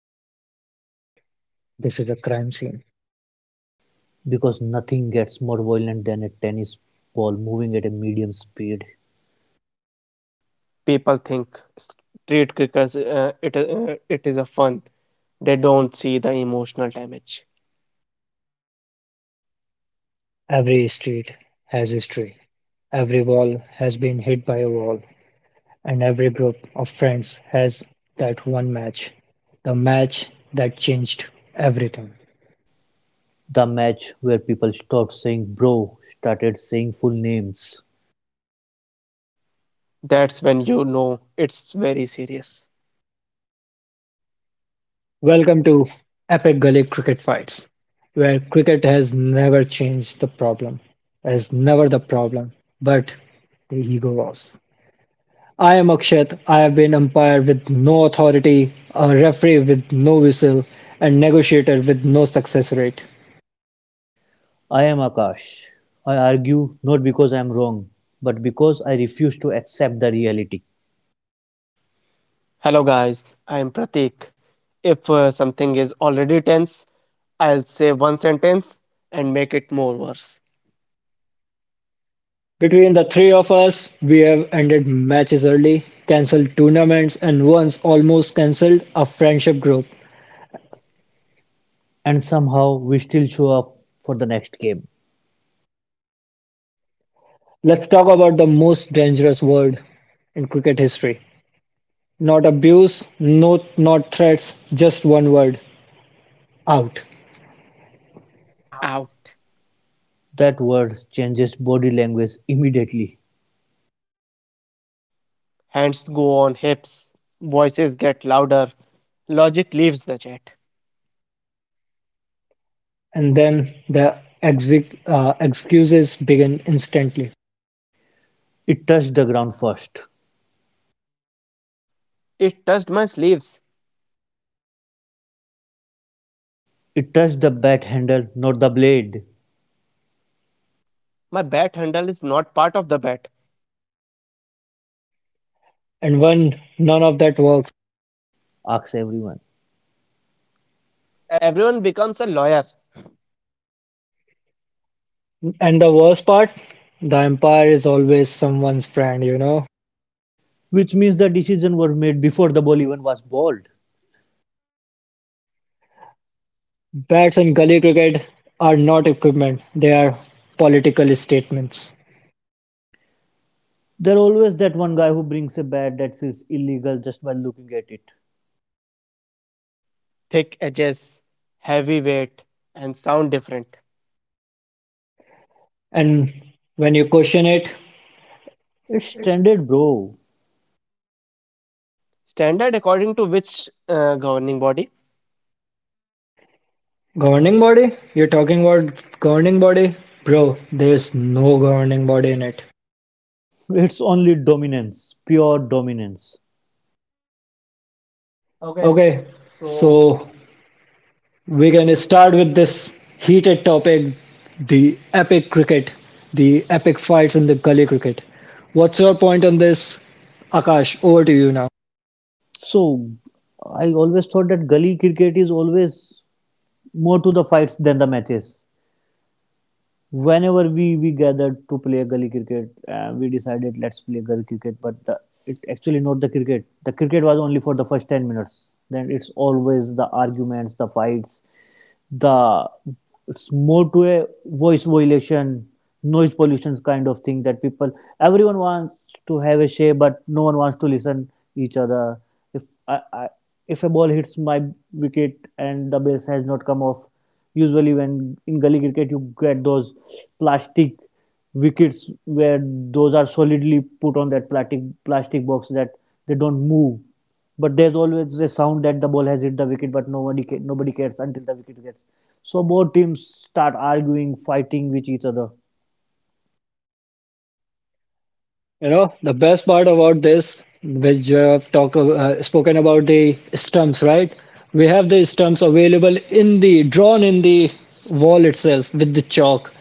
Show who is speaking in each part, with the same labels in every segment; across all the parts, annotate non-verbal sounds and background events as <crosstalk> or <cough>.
Speaker 1: is not a podcast. This is a crime scene.
Speaker 2: Because nothing gets more violent than a tennis ball moving at a medium speed.
Speaker 3: people think street crickets uh, it uh, it is a fun they don't see the emotional damage
Speaker 1: Every street has history. Every wall has been hit by a wall. And every group of friends has that one match. The match that changed everything.
Speaker 2: The match where people stopped saying bro started saying full names.
Speaker 3: that's when you know it's very serious
Speaker 1: Welcome to Epic Gully Cricket Fights, where cricket has never changed the problem. It is never the problem, but the ego was. I am Akshat. I have been umpire with no authority, a referee with no whistle, and negotiator with no success rate.
Speaker 2: I am Akash. I argue not because I am wrong, but because I refuse to accept the reality.
Speaker 3: hello guys i am pratik if uh, something is already tense i'll say one sentence and make it more worse
Speaker 1: Between the three of us, we have ended matches early, cancelled tournaments, and once almost cancelled a friendship group.
Speaker 2: And somehow we still show up for the next game.
Speaker 1: Let's talk about the most dangerous word in cricket history. Not abuse, no, not threats, just one word out.
Speaker 3: out
Speaker 2: That word changes body language immediately.
Speaker 3: hands go on hips voices get louder logic leaves the chat
Speaker 1: And then the ex- uh, excuses begin instantly.
Speaker 2: It touched the ground first.
Speaker 3: it touched my sleeves
Speaker 2: It touched the bat handle, not the blade,
Speaker 3: my bat handle is not part of the bat
Speaker 1: And when none of that works,
Speaker 2: asks everyone.
Speaker 3: everyone becomes a lawyer
Speaker 1: And the worst part, the umpire is always someone's friend, you know.
Speaker 2: which means the decision were made before the ball even was bowled.
Speaker 1: Bats in gully cricket are not equipment, they are political statements.
Speaker 2: There always that one guy who brings a bat that feels illegal just by looking at it.
Speaker 3: thick edges, heavy weight, and sound different.
Speaker 1: And when you question it,
Speaker 2: It's standard, bro.
Speaker 3: Standard according to which uh, governing body?
Speaker 1: governing body? You're talking about governing body? Bro, there's no governing body in it.
Speaker 2: It's only dominance, pure dominance.
Speaker 3: Okay,
Speaker 1: Okay,
Speaker 3: so
Speaker 1: so we can start with this heated topic the epic cricket, the epic fights in the gully cricket. What's your point on this? Akash, over to you now.
Speaker 2: So I always thought that gully cricket is always more to the fights than the matches. whenever we we gathered to play gully cricket uh, we decided let's play gully cricket but the, it actually not the cricket the cricket was only for the first 10 minutes then it's always the arguments the fights the it's more to a voice violation noise pollution kind of thing that people everyone wants to have a say but no one wants to listen each other if I, I if a ball hits my wicket and the base has not come off usually when in gully cricket you get those plastic wickets where those are solidly put on that plastic plastic box that they don't move but there's always a sound that the ball has hit the wicket but nobody ca- nobody cares until the wicket gets so both teams start arguing fighting with each other
Speaker 1: You know, the best part about this, which you have talk, uh, spoken about the stumps, right? We have the stumps available in the drawn in the wall itself with the chalk,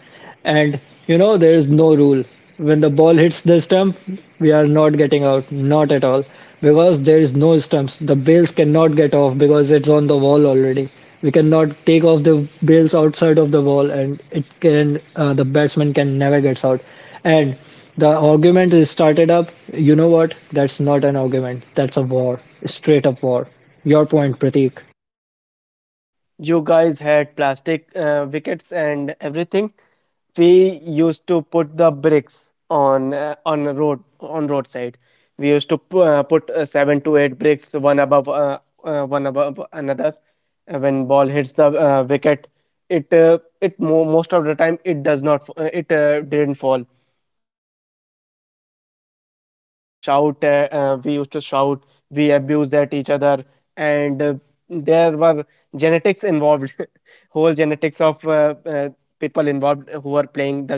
Speaker 1: and you know there is no rule. When the ball hits the stump, we are not getting out, not at all, because there is no stumps. The bails cannot get off because it's on the wall already. We cannot take off the bails outside of the wall, and it can uh, the batsman can never gets out. And the argument is started up, you know what? That's not an argument. That's a war. Straight up war. Your point, Prateek.
Speaker 3: You guys had plastic uh, wickets and everything. We used to put the bricks on uh, on a road on roadside. We used to pu- uh, put uh, seven to eight bricks one above uh, uh, one above another. Uh, when ball hits the uh, wicket, it uh, it mo- most of the time it does not f- uh, it uh, didn't fall. we used to shout uh, uh, we used to shout we abused at each other and uh, there were genetics involved <laughs> whole genetics of uh, uh, people involved who were playing the game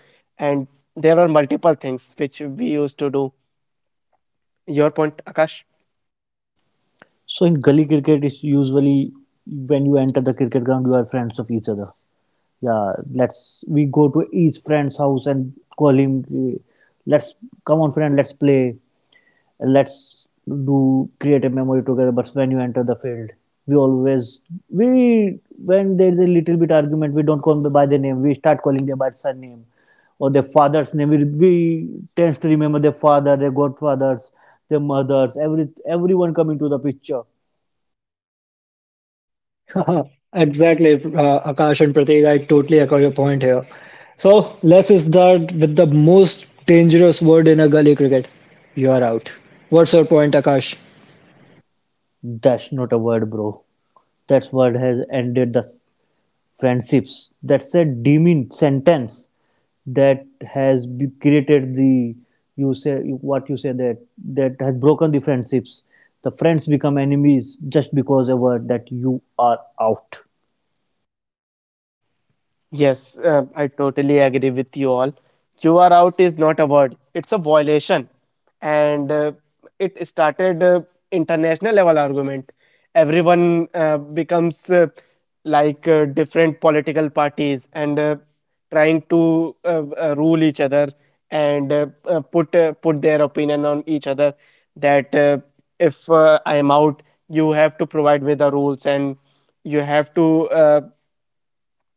Speaker 3: and there were multiple things which we used to do your point akash
Speaker 2: so in gully cricket it's usually when you enter the cricket ground you are friends of each other yeah let's we go to each friend's house and call him "Hey, let's come on friend let's play let's do create a memory together but when you enter the field we always we when there's a little bit argument we don't call them by their name we start calling them by surname or their father's name we, we tend to remember their father their godfathers their mothers every everyone coming to the picture
Speaker 1: <laughs> Exactly, uh, Akash and Prateek. I totally echo your point here. So let's start with the most dangerous word in a gully cricket. You are out. What's your point, Akash?
Speaker 2: that's not a word bro that word has ended the friendships. That's a demean sentence that has be created the you say you- what you say that that has broken the friendships. The friends become enemies just because a word that you are out.
Speaker 3: Yes, uh, I totally agree with you all. You are out is not a word, it's a violation. And uh, it started uh, international level argument. Everyone uh, becomes uh, like uh, different political parties and uh, trying to uh, uh, rule each other and uh, uh, put uh, put their opinion on each other that uh, if uh, I am out, you have to provide me the rules and you have to uh,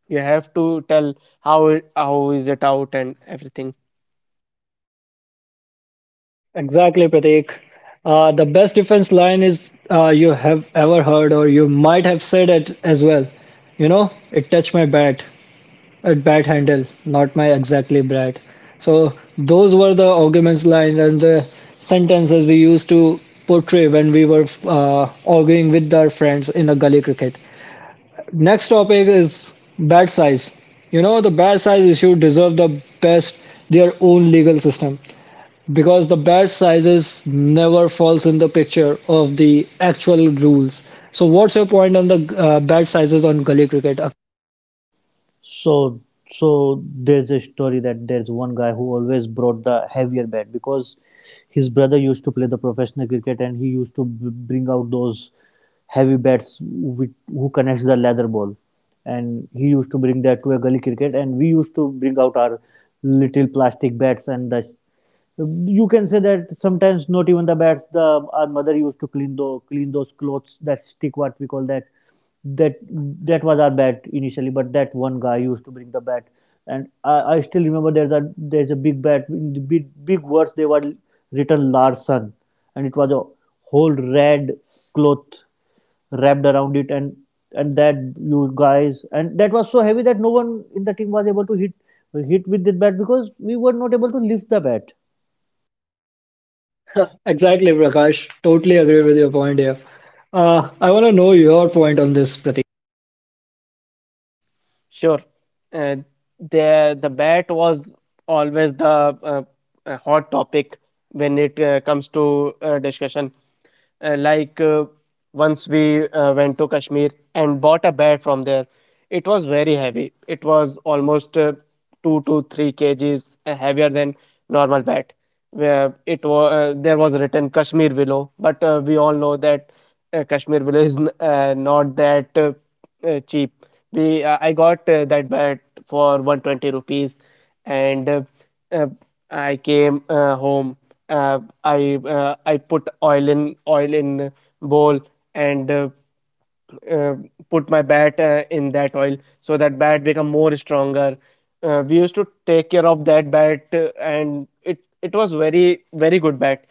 Speaker 3: you have to tell how it- how is it out and everything
Speaker 1: Exactly, Prateek. Uh, the best defense line is uh, you have ever heard, or you might have said it as well. You know, it touched my bat. a bad handle, not my exactly brat. So those were the arguments lines and the sentences we used to portray when we were uh, arguing with our friends in a gully cricket. Next topic is bat size. You know the bat size issue deserve the best their own legal system because the bat sizes never falls in the picture of the actual rules. So what's your point on the uh, bat sizes on gully cricket?
Speaker 2: So, so there's a story that there's one guy who always brought the heavier bat because his brother used to play the professional cricket and he used to b- bring out those heavy bats with, who connects the leather ball. And he used to bring that to a gully cricket and we used to bring out our little plastic bats and the you can say that sometimes not even the bats the our mother used to clean the clean those clothes that stick what we call that that that was our bat initially but that one guy used to bring the bat and I, I still remember there's a there's a big bat in the big big words they were written Larson and it was a whole red cloth wrapped around it and and that you guys and that was so heavy that no one in the team was able to hit hit with the bat because we were not able to lift the bat
Speaker 1: <laughs> Exactly, Prakash. Totally agree with your point here. Uh, I want to know your point on this, Pratik.
Speaker 3: Sure. Uh, the the bat was always the uh, uh, hot topic when it uh, comes to uh, discussion. Uh, like uh, once we uh, went to Kashmir and bought a bat from there, it was very heavy. It was almost uh, two to three kgs uh, heavier than normal bat. Where it was uh, there was written Kashmir willow, but uh, we all know that uh, Kashmir willow is n- uh, not that. Uh, uh, cheap. We uh, I got uh, that bat for 120 rupees, and uh, uh, I came uh, home. Uh, I uh, I put oil in oil in bowl and uh, uh, put my bat uh, in that oil so that bat become more stronger uh, we used to take care of that bat uh, and it it was very very good bat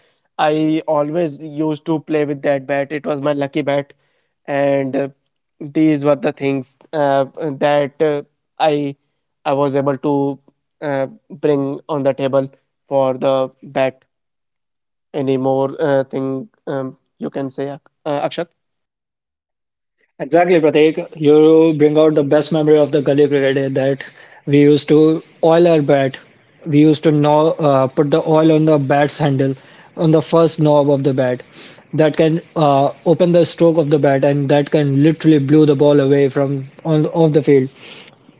Speaker 3: i always used to play with that bat it was my lucky bat and uh, these were the things uh, that uh, i i was able to uh, bring on the table for the bat any more uh, thing um, you can say Ak- uh, akshat
Speaker 1: Exactly, Pratik. You bring out the best memory of the gully cricket that we used to oil our bat. We used to know, uh, put the oil on the bat's handle, on the first knob of the bat. That can uh, open the stroke of the bat, and that can literally blow the ball away from on off the field.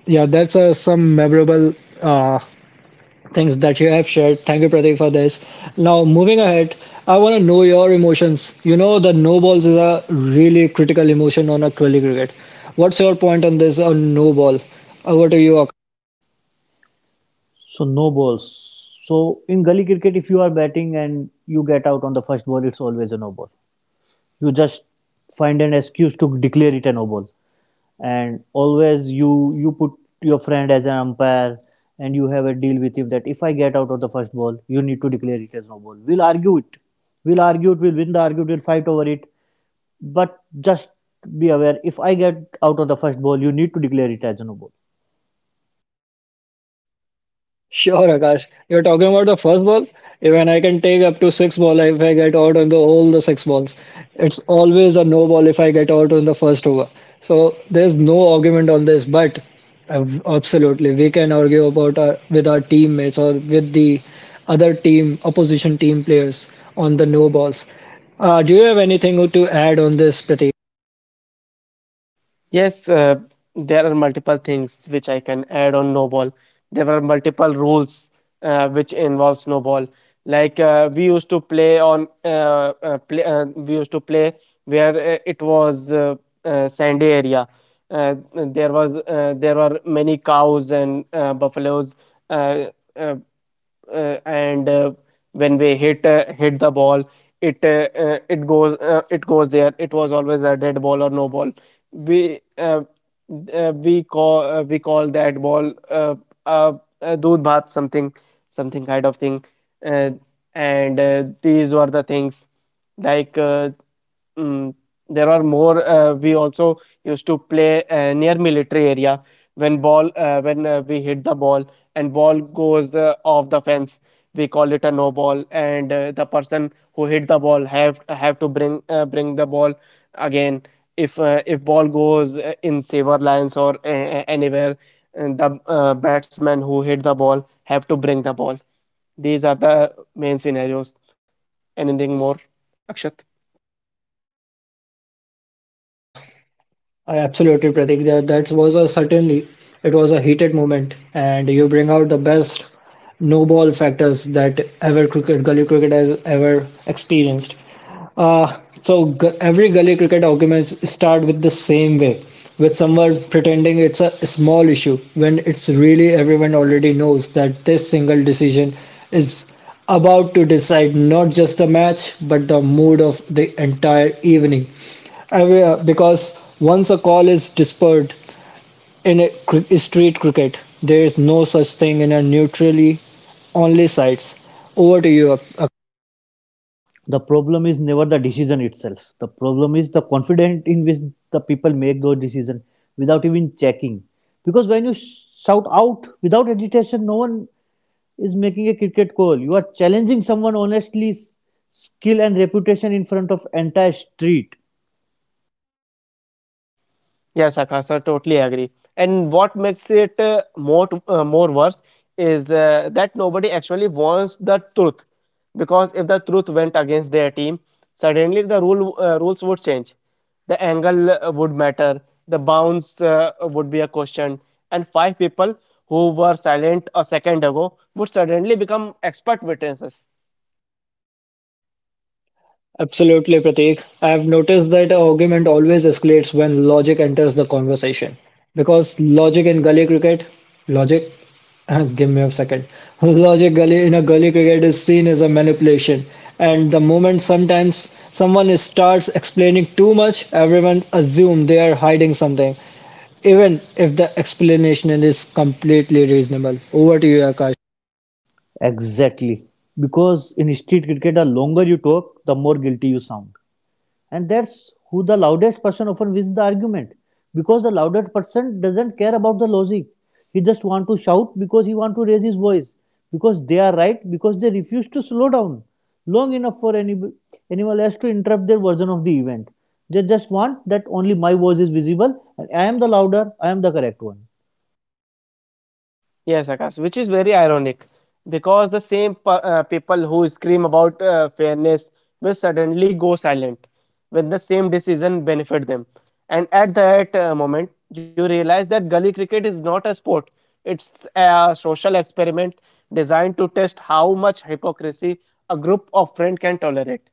Speaker 1: Yeah, that's uh, some memorable uh, things that you have shared. Thank you, Pratik, for this. Now, moving ahead, I want to know your emotions. You know, the no balls is a really critical emotion on a Twilly cricket. What's your point on this on no ball? Over to you,
Speaker 2: So no balls. So in gully cricket, if you are batting and you get out on the first ball, it's always a no ball. You just find an excuse to declare it a no ball, and always you you put your friend as an umpire, and you have a deal with him that if I get out on the first ball, you need to declare it as no ball. We'll argue it. We'll argue it. We'll win the argument. We'll fight over it. But just be aware. If I get out on the first ball, you need to declare it as a no ball.
Speaker 1: Sure, Akash. You're talking about the first ball. Even I can take up to six ball if I get out on the all the six balls. It's always a no ball if I get out on the first over. So there's no argument on this. But um, absolutely, we can argue about our, with our teammates or with the other team opposition team players on the no balls. Uh, do you have anything to add on this, Pratik?
Speaker 3: Yes, uh, there are multiple things which I can add on snowball. There were multiple rules uh, which involve snowball. Like uh, we used to play on uh, uh, play, uh, we used to play where uh, it was uh, uh, sandy area. Uh, there was uh, there were many cows and uh, buffaloes uh, uh, uh, and uh, when we hit uh, hit the ball it uh, uh, it goes uh, it goes there it was always a dead ball or no ball we uh, uh, we call uh, we call that ball uh, uh, uh, doodh bhat something something kind of thing uh, and uh, these were the things like uh, mm, there are more. Uh, we also used to play uh, near military area when ball uh, when uh, we hit the ball and ball goes uh, off the fence. We call it a no ball, and uh, the person who hit the ball have have to bring uh, bring the ball again. If uh, if ball goes uh, in saver lines or uh, uh, anywhere, and the uh, batsman who hit the ball have to bring the ball. These are the main scenarios. Anything more, Akshat?
Speaker 1: I absolutely, Pratik. That, that was a certainly it was a heated moment, and you bring out the best no ball factors that ever cricket gully cricket has ever experienced. Uh, so gu- every gully cricket arguments start with the same way, with someone pretending it's a small issue when it's really everyone already knows that this single decision is about to decide not just the match but the mood of the entire evening. Aware because once a call is dispersed in a cri- street cricket, there is no such thing in a neutrally only sites. Over to you, Ak-
Speaker 2: The problem is never the decision itself. The problem is the confidence in which the people make those decisions without even checking. Because when you shout out without agitation, no one is making a cricket call. You are challenging someone honestly, s- skill and reputation in front of entire street.
Speaker 3: Yes, Akasha, totally agree. And what makes it uh, more uh, more worse is uh, that nobody actually wants the truth because if the truth went against their team, suddenly the rule uh, rules would change. The angle uh, would matter, the bounce uh, would be a question, and five people who were silent a second ago would suddenly become expert witnesses.
Speaker 1: Absolutely, Prateek. I have noticed that an argument always escalates when logic enters the conversation. Because logic in gully cricket, logic, <laughs> give me a second, <laughs> logic gully in a gully cricket is seen as a manipulation. And the moment sometimes someone starts explaining too much, everyone assumes they are hiding something, even if the explanation is completely reasonable. Over to you, Akash.
Speaker 2: Exactly. Because in street cricket, the longer you talk, the more guilty you sound. and that's who the loudest person often wins the argument because the loudest person doesn't care about the logic he just want to shout because he want to raise his voice because they are right because they refuse to slow down long enough for any, anyone else to interrupt their version of the event they just want that only my voice is visible and i am the louder i am the correct one
Speaker 3: Yes, Akash, which is very ironic because the same pe- uh, people who scream about uh, fairness will suddenly go silent when the same decision benefit them. And at that uh, moment, you realize that gully cricket is not a sport; it's a social experiment designed to test how much hypocrisy a group of friends can tolerate.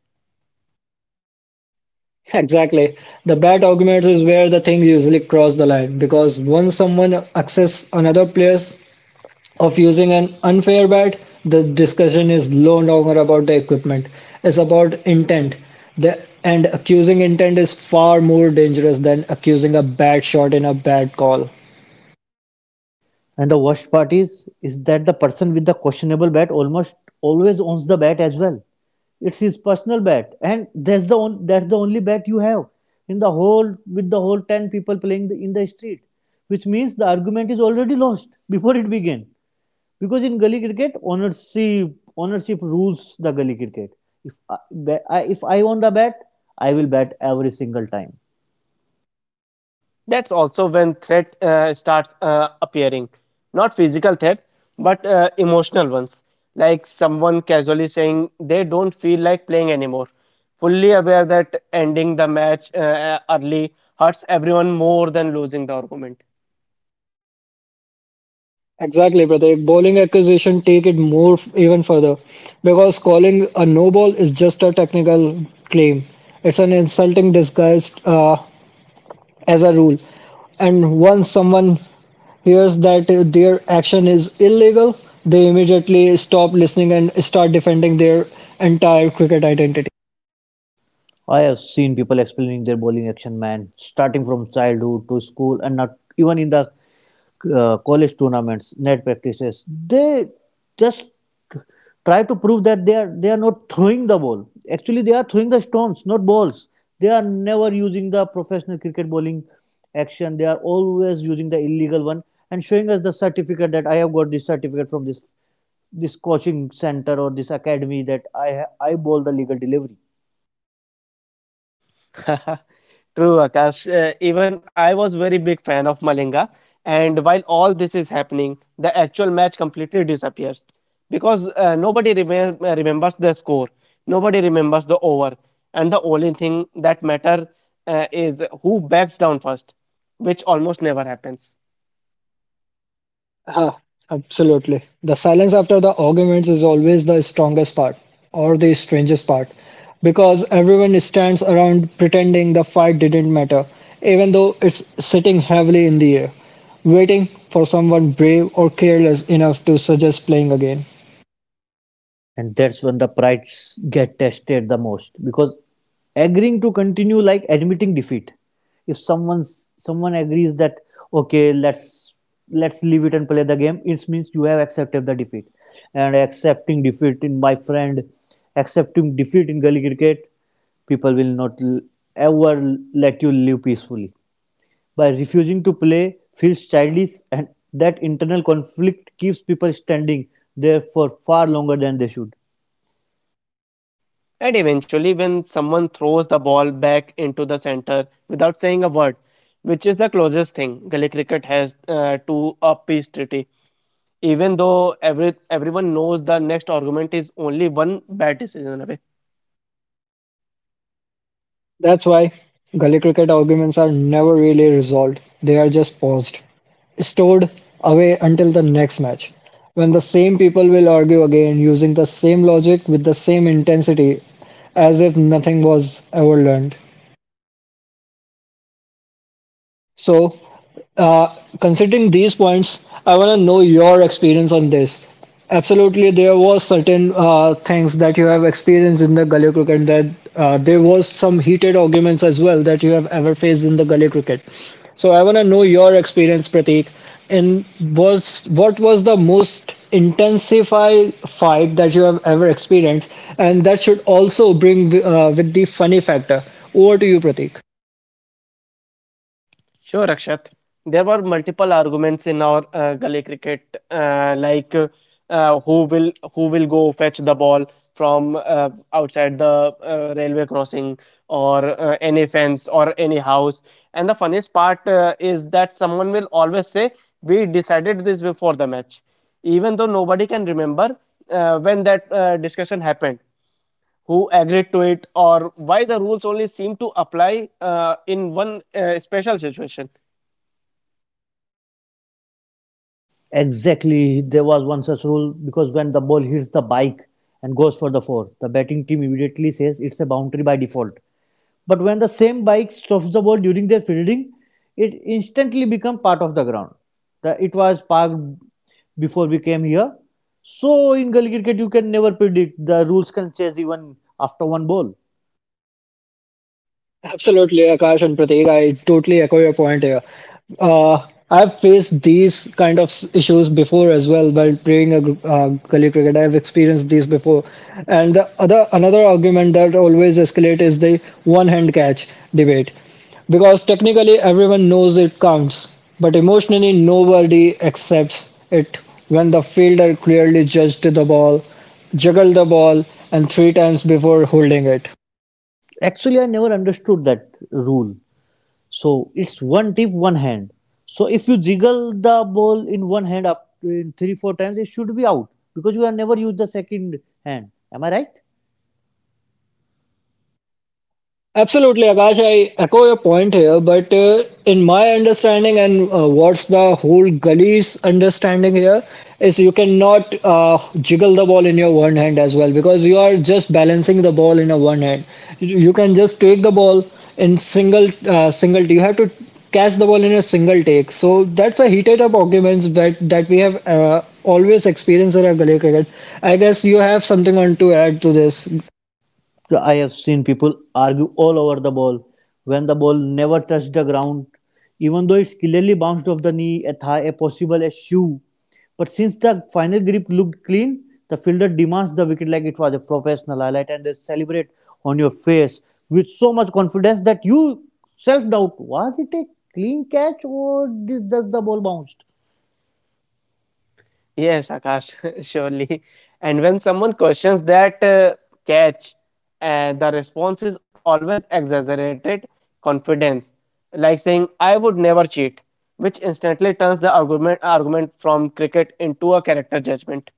Speaker 1: <laughs> Exactly. The bad arguments is where the things usually cross the line because once someone access another player's of using an unfair bet, the discussion is no longer about the equipment. It's about intent. The, and accusing intent is far more dangerous than accusing a bad shot in a bad call.
Speaker 2: And the worst part is is that the person with the questionable bat almost always owns the bat as well. It's his personal bat, and that's the on, that's the only bat you have in the whole with the whole ten people playing the, in the street, which means the argument is already lost before it began. Because in gully cricket, ownership ownership rules the gully cricket. If I, I, if I own the bat, I will bat every single time.
Speaker 3: That's also when threat uh, starts uh, appearing, not physical threats, but uh, emotional ones, like someone casually saying they don't feel like playing anymore, fully aware that ending the match uh, early hurts everyone more than losing the argument.
Speaker 1: Exactly, Pratik. Bowling accusation take it more f- even further because calling a no ball is just a technical claim. It's an insulting disguised uh, as a rule. And once someone hears that uh, their action is illegal, they immediately stop listening and start defending their entire cricket identity.
Speaker 2: I have seen people explaining their bowling action, man, starting from childhood to school, and not even in the uh, college tournaments, net practices. They just try to prove that they are they are not throwing the ball. Actually, they are throwing the stones, not balls. They are never using the professional cricket bowling action. They are always using the illegal one and showing us the certificate that I have got this certificate from this this coaching center or this academy that I ha- I bowl the legal delivery.
Speaker 3: <laughs> True, Akash. Uh, even I was very big fan of Malinga, and while all this is happening, the actual match completely disappears because uh, nobody remem- uh, remembers the score, nobody remembers the over, and the only thing that matter uh, is who backs down first, which almost never happens.
Speaker 1: Ah, absolutely. The silence after the arguments is always the strongest part or the strangest part because everyone stands around pretending the fight didn't matter, even though it's sitting heavily in the air, waiting for someone brave or careless enough to suggest playing again.
Speaker 2: and that's when the prides get tested the most because agreeing to continue like admitting defeat if someone's someone agrees that okay let's let's leave it and play the game it means you have accepted the defeat and accepting defeat in my friend accepting defeat in gully cricket people will not l- ever let you live peacefully by refusing to play feels childish and that internal conflict keeps people standing there for far longer than they should
Speaker 3: And eventually, when someone throws the ball back into the center without saying a word, which is the closest thing Gully cricket has uh, to a peace treaty even though every everyone knows the next argument is only one bad decision away.
Speaker 1: That's why gully cricket arguments are never really resolved, they are just paused, stored away until the next match, when the same people will argue again using the same logic with the same intensity as if nothing was ever learned. So, uh, considering these points, I want to know your experience on this. Absolutely, there was certain uh, things that you have experienced in the gully cricket that uh, there was some heated arguments as well that you have ever faced in the gully cricket. So I want to know your experience, Prateek. And was what was the most intensify fight that you have ever experienced, and that should also bring uh, with the funny factor. Over to you, Prateek.
Speaker 3: Sure, Akshat. There were multiple arguments in our uh, gully cricket, uh, like uh, uh, who will who will go fetch the ball from uh, outside the uh, railway crossing or uh, any fence or any house. And the funniest part uh, is that someone will always say, "We decided this before the match," even though nobody can remember uh, when that uh, discussion happened who agreed to it or why the rules only seem to apply uh, in one uh, special situation.
Speaker 2: Exactly. There was one such rule because when the ball hits the bike and goes for the four, the batting team immediately says it's a boundary by default. But when the same bike stops the ball during their fielding, it instantly becomes part of the ground. The- it was parked before we came here. So in Gully cricket, you can never predict. The rules can change even after one ball.
Speaker 1: Absolutely, Akash and Prateek. I totally echo your point here. Uh, I've faced these kind of s- issues before as well while playing a gr- uh, gully cricket. I've experienced these before. And the other another argument that always escalates is the one-hand catch debate, because technically everyone knows it counts, but emotionally nobody accepts it when the fielder clearly judged the ball, juggled the ball, and three times before holding it.
Speaker 2: Actually, I never understood that rule. So it's one tip, one hand. So if you jiggle the ball in one hand after in three, four times, it should be out because you have never used the second hand. Am I right?
Speaker 1: Absolutely, Akash. I echo your point here, but uh, in my understanding, and uh, what's the whole gully's understanding here is you cannot uh, jiggle the ball in your one hand as well because you are just balancing the ball in your one hand. You you can just take the ball in single uh, single. You have to catch the ball in a single take. So that's a heated up arguments that that we have uh, always experienced in our gully cricket. I guess you have something on to add to this.
Speaker 2: I have seen people argue all over the ball when the ball never touched the ground, even though it's clearly bounced off the knee, a thigh, a possible a shoe. But since the final grip looked clean, the fielder demands the wicket like it was a professional highlight and they celebrate on your face with so much confidence that you self doubt was it a clean catch or does the ball bounced?
Speaker 3: Yes, Akash, <laughs> surely. And when someone questions that uh, catch, uh, the response is always exaggerated confidence, like saying, I would never cheat, which instantly turns the argument, argument from cricket into a character judgment.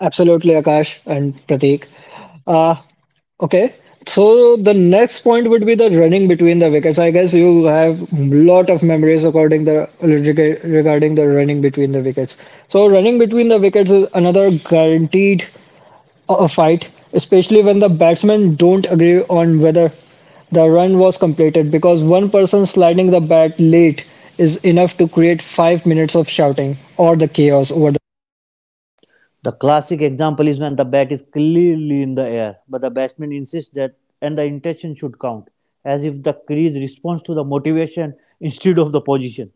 Speaker 1: Absolutely, Akash and Prateek. Uh, okay, so the next point would be the running between the wickets. I guess you have lot of memories regarding the rega- regarding the running between the wickets. So running between the wickets is another guaranteed uh, fight, especially when the batsmen don't agree on whether the run was completed because one person sliding the bat late is enough to create five minutes of shouting or the chaos over
Speaker 2: The classic example is when the bat is clearly in the air, but the batsman insists that and the intention should count, as if the crease responds to the motivation instead of the position.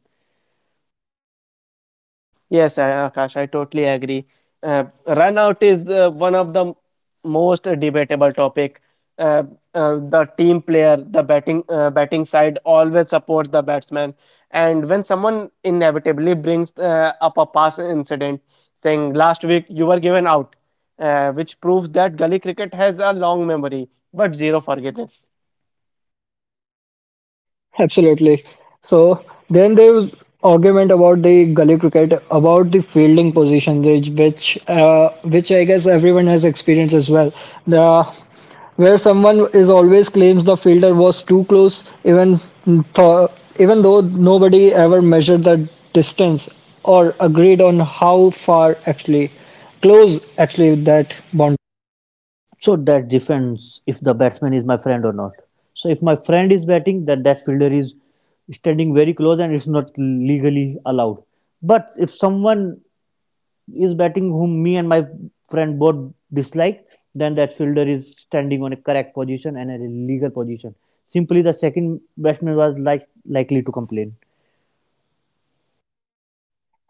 Speaker 3: Yes, I- Akash, I totally agree. Uh, run out is uh, one of the m- most debatable topic. Uh, uh, the team player, the batting uh, batting side always supports the batsman, and when someone inevitably brings uh, up a past incident, saying last week you were given out, uh, which proves that gully cricket has a long memory but zero forgiveness.
Speaker 1: Absolutely. So then there was argument about the gully cricket, about the fielding position, which which, uh, which I guess everyone has experienced as well. The where someone is always claims the fielder was too close, even th even though nobody ever measured the distance or agreed on how far actually close actually that boundary.
Speaker 2: So that depends if the batsman is my friend or not. So if my friend is batting, then that fielder is standing very close and it's not legally allowed. But if someone is batting whom me and my friend both dislike, then that fielder is standing on a correct position and a legal position. Simply, the second batsman was like likely to complain.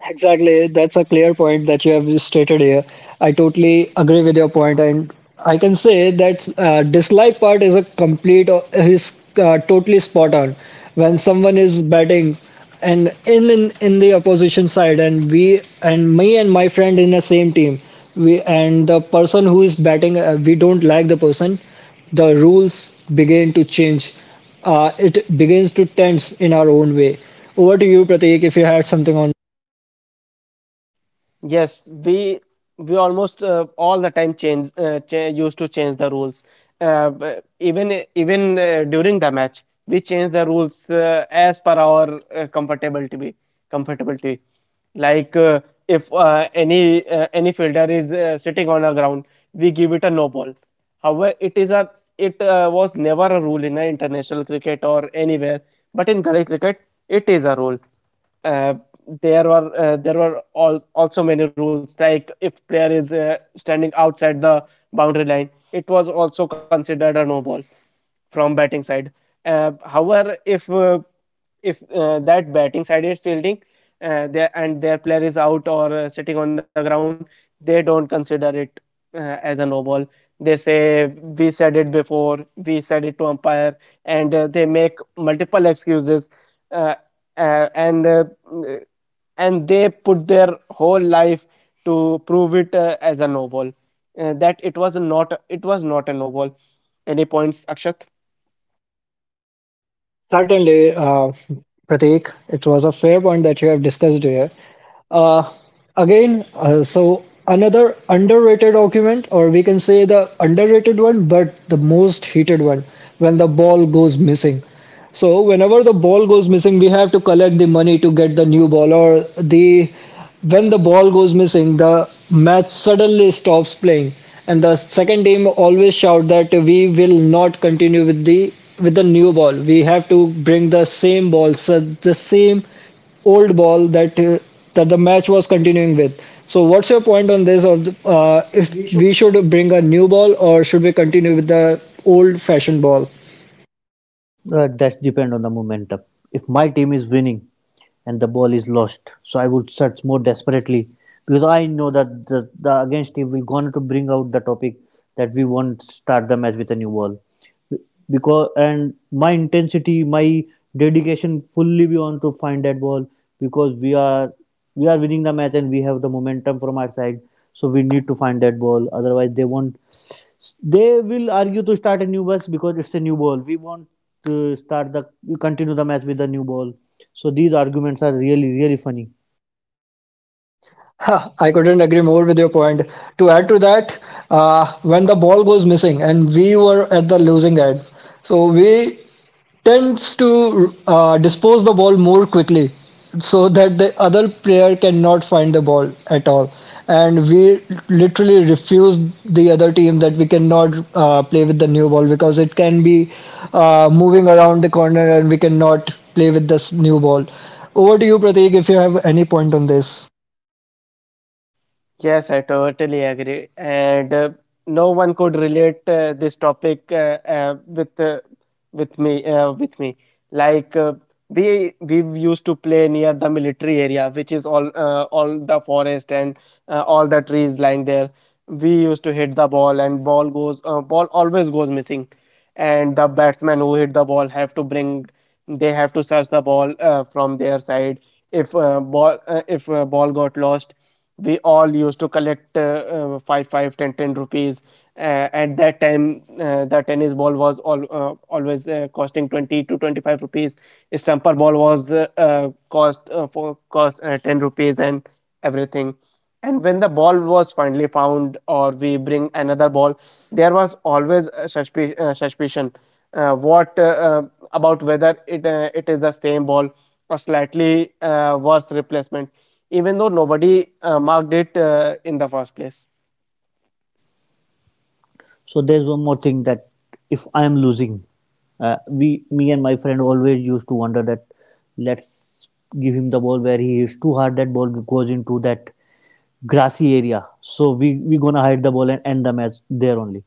Speaker 1: Exactly. That's a clear point that you have stated here. I totally agree with your point, and I can say that uh, dislike part is a complete uh, is uh, totally spot on. When someone is batting and in, in in the opposition side, and we and me and my friend in the same team, we and the person who is batting, uh, we don't like the person. The rules begin to change. Uh, it begins to tense in our own way. Over to you, Prateek, if you had something on.
Speaker 3: Yes, we we almost uh, all the time change uh, cha- used to change the rules. Uh, b- even even uh, during the match, we change the rules uh, as per our uh, comfortability. Comfortability, like uh, if uh, any uh, any fielder is uh, sitting on a ground, we give it a no ball. However, it is a it uh, was never a rule in uh, international cricket or anywhere, but in Gully cricket, it is a rule. Uh, there were uh, there were all, also many rules like if player is uh, standing outside the boundary line, it was also considered a no ball from batting side. Uh, however, if uh, if uh, that batting side is fielding uh, there and their player is out or uh, sitting on the ground, they don't consider it uh, as a no ball. They say we said it before, we said it to umpire, and uh, they make multiple excuses. Uh, uh, and uh, mm, and they put their whole life to prove it uh, as a novel uh, that it was not it was not a novel any points akshat
Speaker 1: Certainly, uh, Pratik, it was a fair point that you have discussed here. Uh, again, uh, so another underrated argument, or we can say the underrated one, but the most heated one, when the ball goes missing. So whenever the ball goes missing, we have to collect the money to get the new ball, or the when the ball goes missing, the match suddenly stops playing, and the second team always shout that we will not continue with the with the new ball. We have to bring the same ball, so the same old ball that uh, that the match was continuing with. So, what's your point on this? Of the- uh,
Speaker 2: We
Speaker 1: if we should bring a new ball or should we continue with the old-fashioned ball?
Speaker 2: Uh, that depends on the momentum. If my team is winning and the ball is lost, so I would search more desperately because I know that the, the against team will going to bring out the topic that we won't start the match with a new ball. Because and my intensity, my dedication fully be on to find that ball because we are we are winning the match and we have the momentum from our side. So we need to find that ball. Otherwise, they won't they will argue to start a new bus because it's a new ball. We want to start the continue the match with the new ball. So these arguments are really really funny.
Speaker 1: Huh, I couldn't agree more with your point. To add to that, uh, when the ball goes missing and we were at the losing end, so we tends to uh, dispose the ball more quickly so that the other player cannot find the ball at all. And we literally refuse the other team that we cannot uh, play with the new ball because it can be uh, moving around the corner and we cannot play with this new ball. Over to you, Prateek, if you have any point on this.
Speaker 3: Yes, I totally agree. And uh, no one could relate uh, this topic uh, uh, with uh, with me uh, with me. Like uh, we we used to play near the military area, which is all uh, all the forest and uh, all the trees lying there. We used to hit the ball, and ball goes uh, ball always goes missing and the batsmen who hit the ball have to bring they have to search the ball uh, from their side if uh, ball uh, if uh, ball got lost we all used to collect uh, uh, 5 five ten ten rupees uh, at that time uh, the tennis ball was all, uh, always uh, costing 20 to 25 rupees stumper ball was uh, uh, cost uh, for cost uh, 10 rupees and everything and when the ball was finally found, or we bring another ball, there was always a suspi- uh, suspicion. Uh, what uh, uh, about whether it uh, it is the same ball or slightly uh, worse replacement, even though nobody uh, marked it uh, in the first place.
Speaker 2: So there's one more thing that if I am losing, uh, we, me and my friend always used to wonder that let's give him the ball where he hits too hard. That ball goes into that grassy area. So we we gonna hide the ball and end the match there only.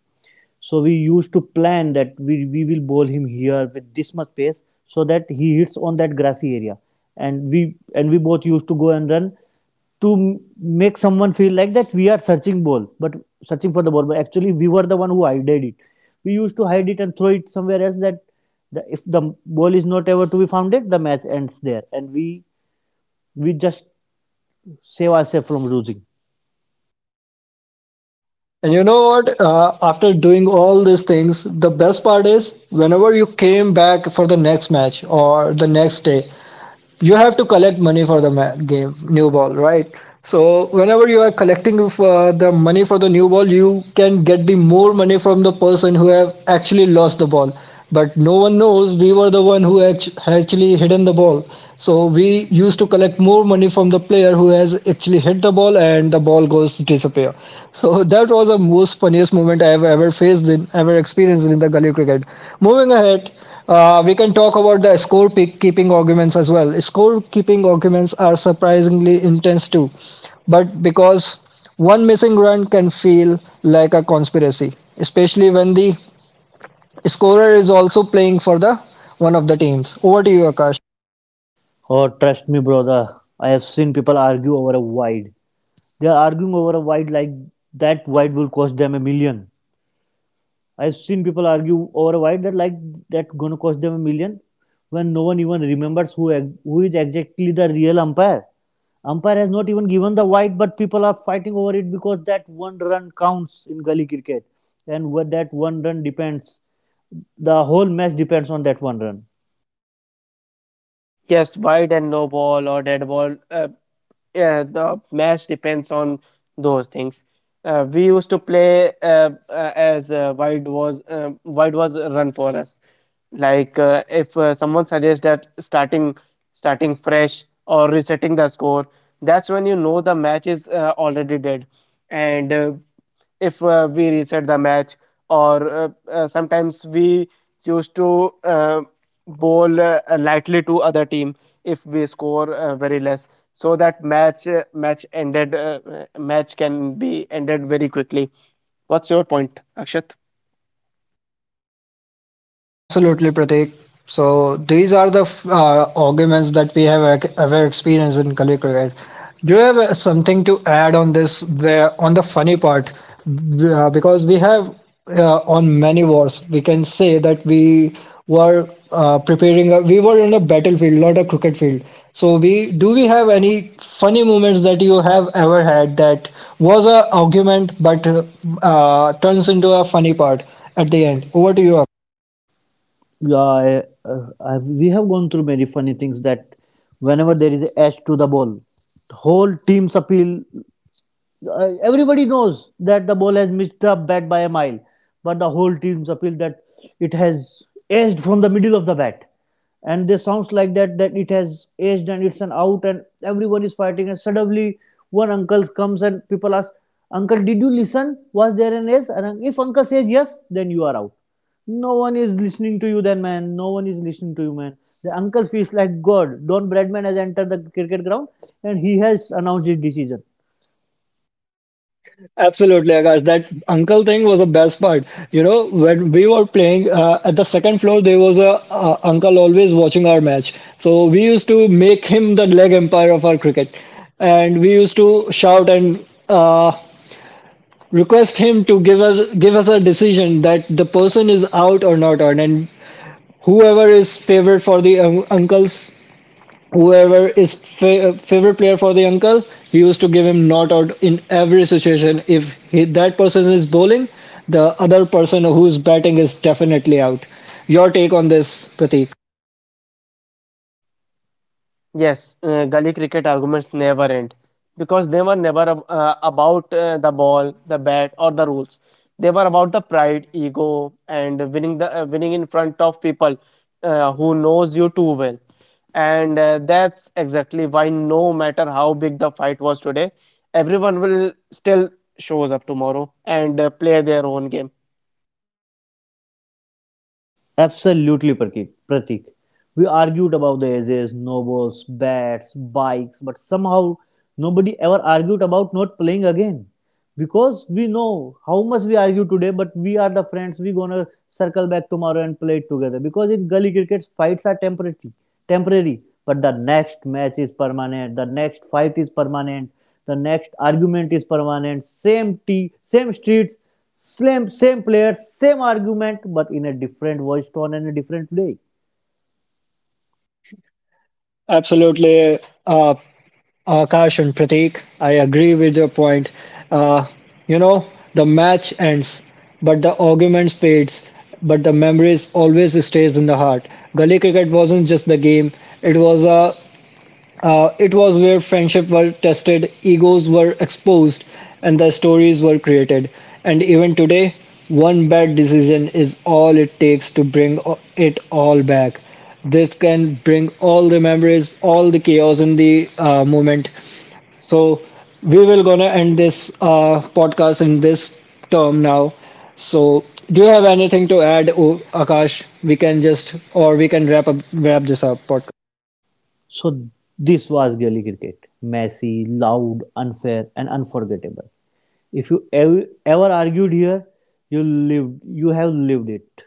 Speaker 2: So we used to plan that we, we will bowl him here with this much pace so that he hits on that grassy area. And we and we both used to go and run to make someone feel like that we are searching ball but searching for the ball but actually we were the one who hided it we used to hide it and throw it somewhere else that the, if the ball is not ever to be found it the match ends there and we we just save ourselves from losing
Speaker 1: And you know what? Uh, after doing all these things, the best part is whenever you came back for the next match or the next day, you have to collect money for the ma- game new ball right so whenever you are collecting uh, the money for the new ball you can get the more money from the person who have actually lost the ball but no one knows we were the one who act- actually hidden the ball so we used to collect more money from the player who has actually hit the ball and the ball goes to disappear so that was the most funniest moment i have ever faced in ever experienced in the gully cricket moving ahead uh, we can talk about the score pick keeping arguments as well. Score keeping arguments are surprisingly intense too, but because one missing run can feel like a conspiracy, especially when the scorer is also playing for the one of the teams. Over to you, Akash.
Speaker 2: or trust me brother i have seen people argue over a wide they are arguing over a wide like that wide will cost them a million I've seen people argue over why that like that gonna cost them a million when no one even remembers who ex- who is exactly the real umpire. Umpire has not even given the white, but people are fighting over it because that one run counts in gully cricket, and what that one run depends, the whole match depends on that one run.
Speaker 3: Yes, wide and no ball or dead ball. Uh, yeah, the match depends on those things. Uh, we used to play uh, uh, as uh, wide was uh, wide was a run for us. Like uh, if uh, someone suggests that starting starting fresh or resetting the score, that's when you know the match is uh, already dead. And uh, if uh, we reset the match or uh, uh, sometimes we used to uh, bowl uh, lightly to other team if we score uh, very less so that match uh, match ended uh, uh, match can be ended very quickly what's your point akshat
Speaker 1: Absolutely, Pratik. So these are the f- uh, arguments that we have ac- ever experienced in Kali cricket. Do you have uh, something to add on this, where on the funny part? B- uh, because we have uh, on many wars, we can say that we were uh, preparing. A, we were on a battlefield, not a cricket field. So we do we have any funny moments that you have ever had that was a argument but uh, uh, turns into a funny part at the end? Over to you,
Speaker 2: Yeah, I, uh, I, we have gone through many funny things that whenever there is a edge to the ball, whole team's appeal uh, everybody knows that the ball has missed the bat by a mile, but the whole team's appeal that it has edged from the middle of the bat, and this sounds like that that it has edged and it's an out, and everyone is fighting, and suddenly one uncle comes and people ask, "Uncle, did you listen? Was there an edge?" And if uncle says yes, then you are out. No one is listening to you, then man. No one is listening to you, man. The uncle feels like God. Don Bradman has entered the cricket ground and he has announced his decision
Speaker 1: Absolutely, Akash. That uncle thing was the best part. You know, when we were playing uh, at the second floor, there was a uh, uncle always watching our match. So we used to make him the leg umpire of our cricket, and we used to shout and uh, request him to give us give us a decision that the person is out or not out, and whoever is favored for the um, uncles whoever is fa- uh, favorite player for the uncle he used to give him not out in every situation if he, that person is bowling the other person who's batting is definitely out your take on this prateek
Speaker 3: Yes, uh, gully cricket arguments never end because they were never ab- uh, about uh, the ball, the bat, or the rules. They were about the pride, ego, and winning the uh, winning in front of people uh, who knows you too well. And uh, that's exactly why no matter how big the fight was today, everyone will still shows up tomorrow and uh, play their own game.
Speaker 2: Absolutely, Pratik. Pratik. We argued about the edges, nobles, bats, bikes, but somehow nobody ever argued about not playing again. Because we know how much we argue today, but we are the friends, we gonna circle back tomorrow and play it together. Because in gully cricket, fights are temporary, temporary, but the next match is permanent, the next fight is permanent, the next argument is permanent, same tea, same streets, same, same player, same argument, but in a different voice tone and a different way.
Speaker 1: absolutely uh, akash and prateek i agree with your point uh, you know the match ends but the arguments fades but the memories always stays in the heart gully cricket wasn't just the game it was a Uh, it was where friendships were tested, egos were exposed, and the stories were created. And even today, one bad decision is all it takes to bring o- it all back. This can bring all the memories, all the chaos in the uh, moment. So we will gonna end this uh, podcast in this term now. So do you have anything to add, O- Akash? We can just or we can wrap up wrap this up podcast.
Speaker 2: So this was Gully cricket. Messy, loud, unfair, and unforgettable. If you ev- ever argued here, you lived. You have lived it.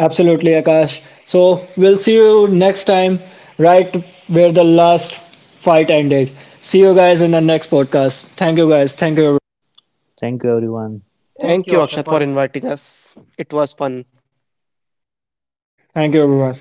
Speaker 1: Absolutely, Akash. So we'll see you next time, right where the last fight ended. See you guys in the next podcast. Thank you, guys. Thank you. everyone.
Speaker 2: Thank you, everyone. Thank
Speaker 3: Thank
Speaker 2: you,
Speaker 3: you,
Speaker 2: Akshat,
Speaker 3: Akshat,
Speaker 2: for
Speaker 3: for inviting us. It was fun.
Speaker 1: Thank you, everyone.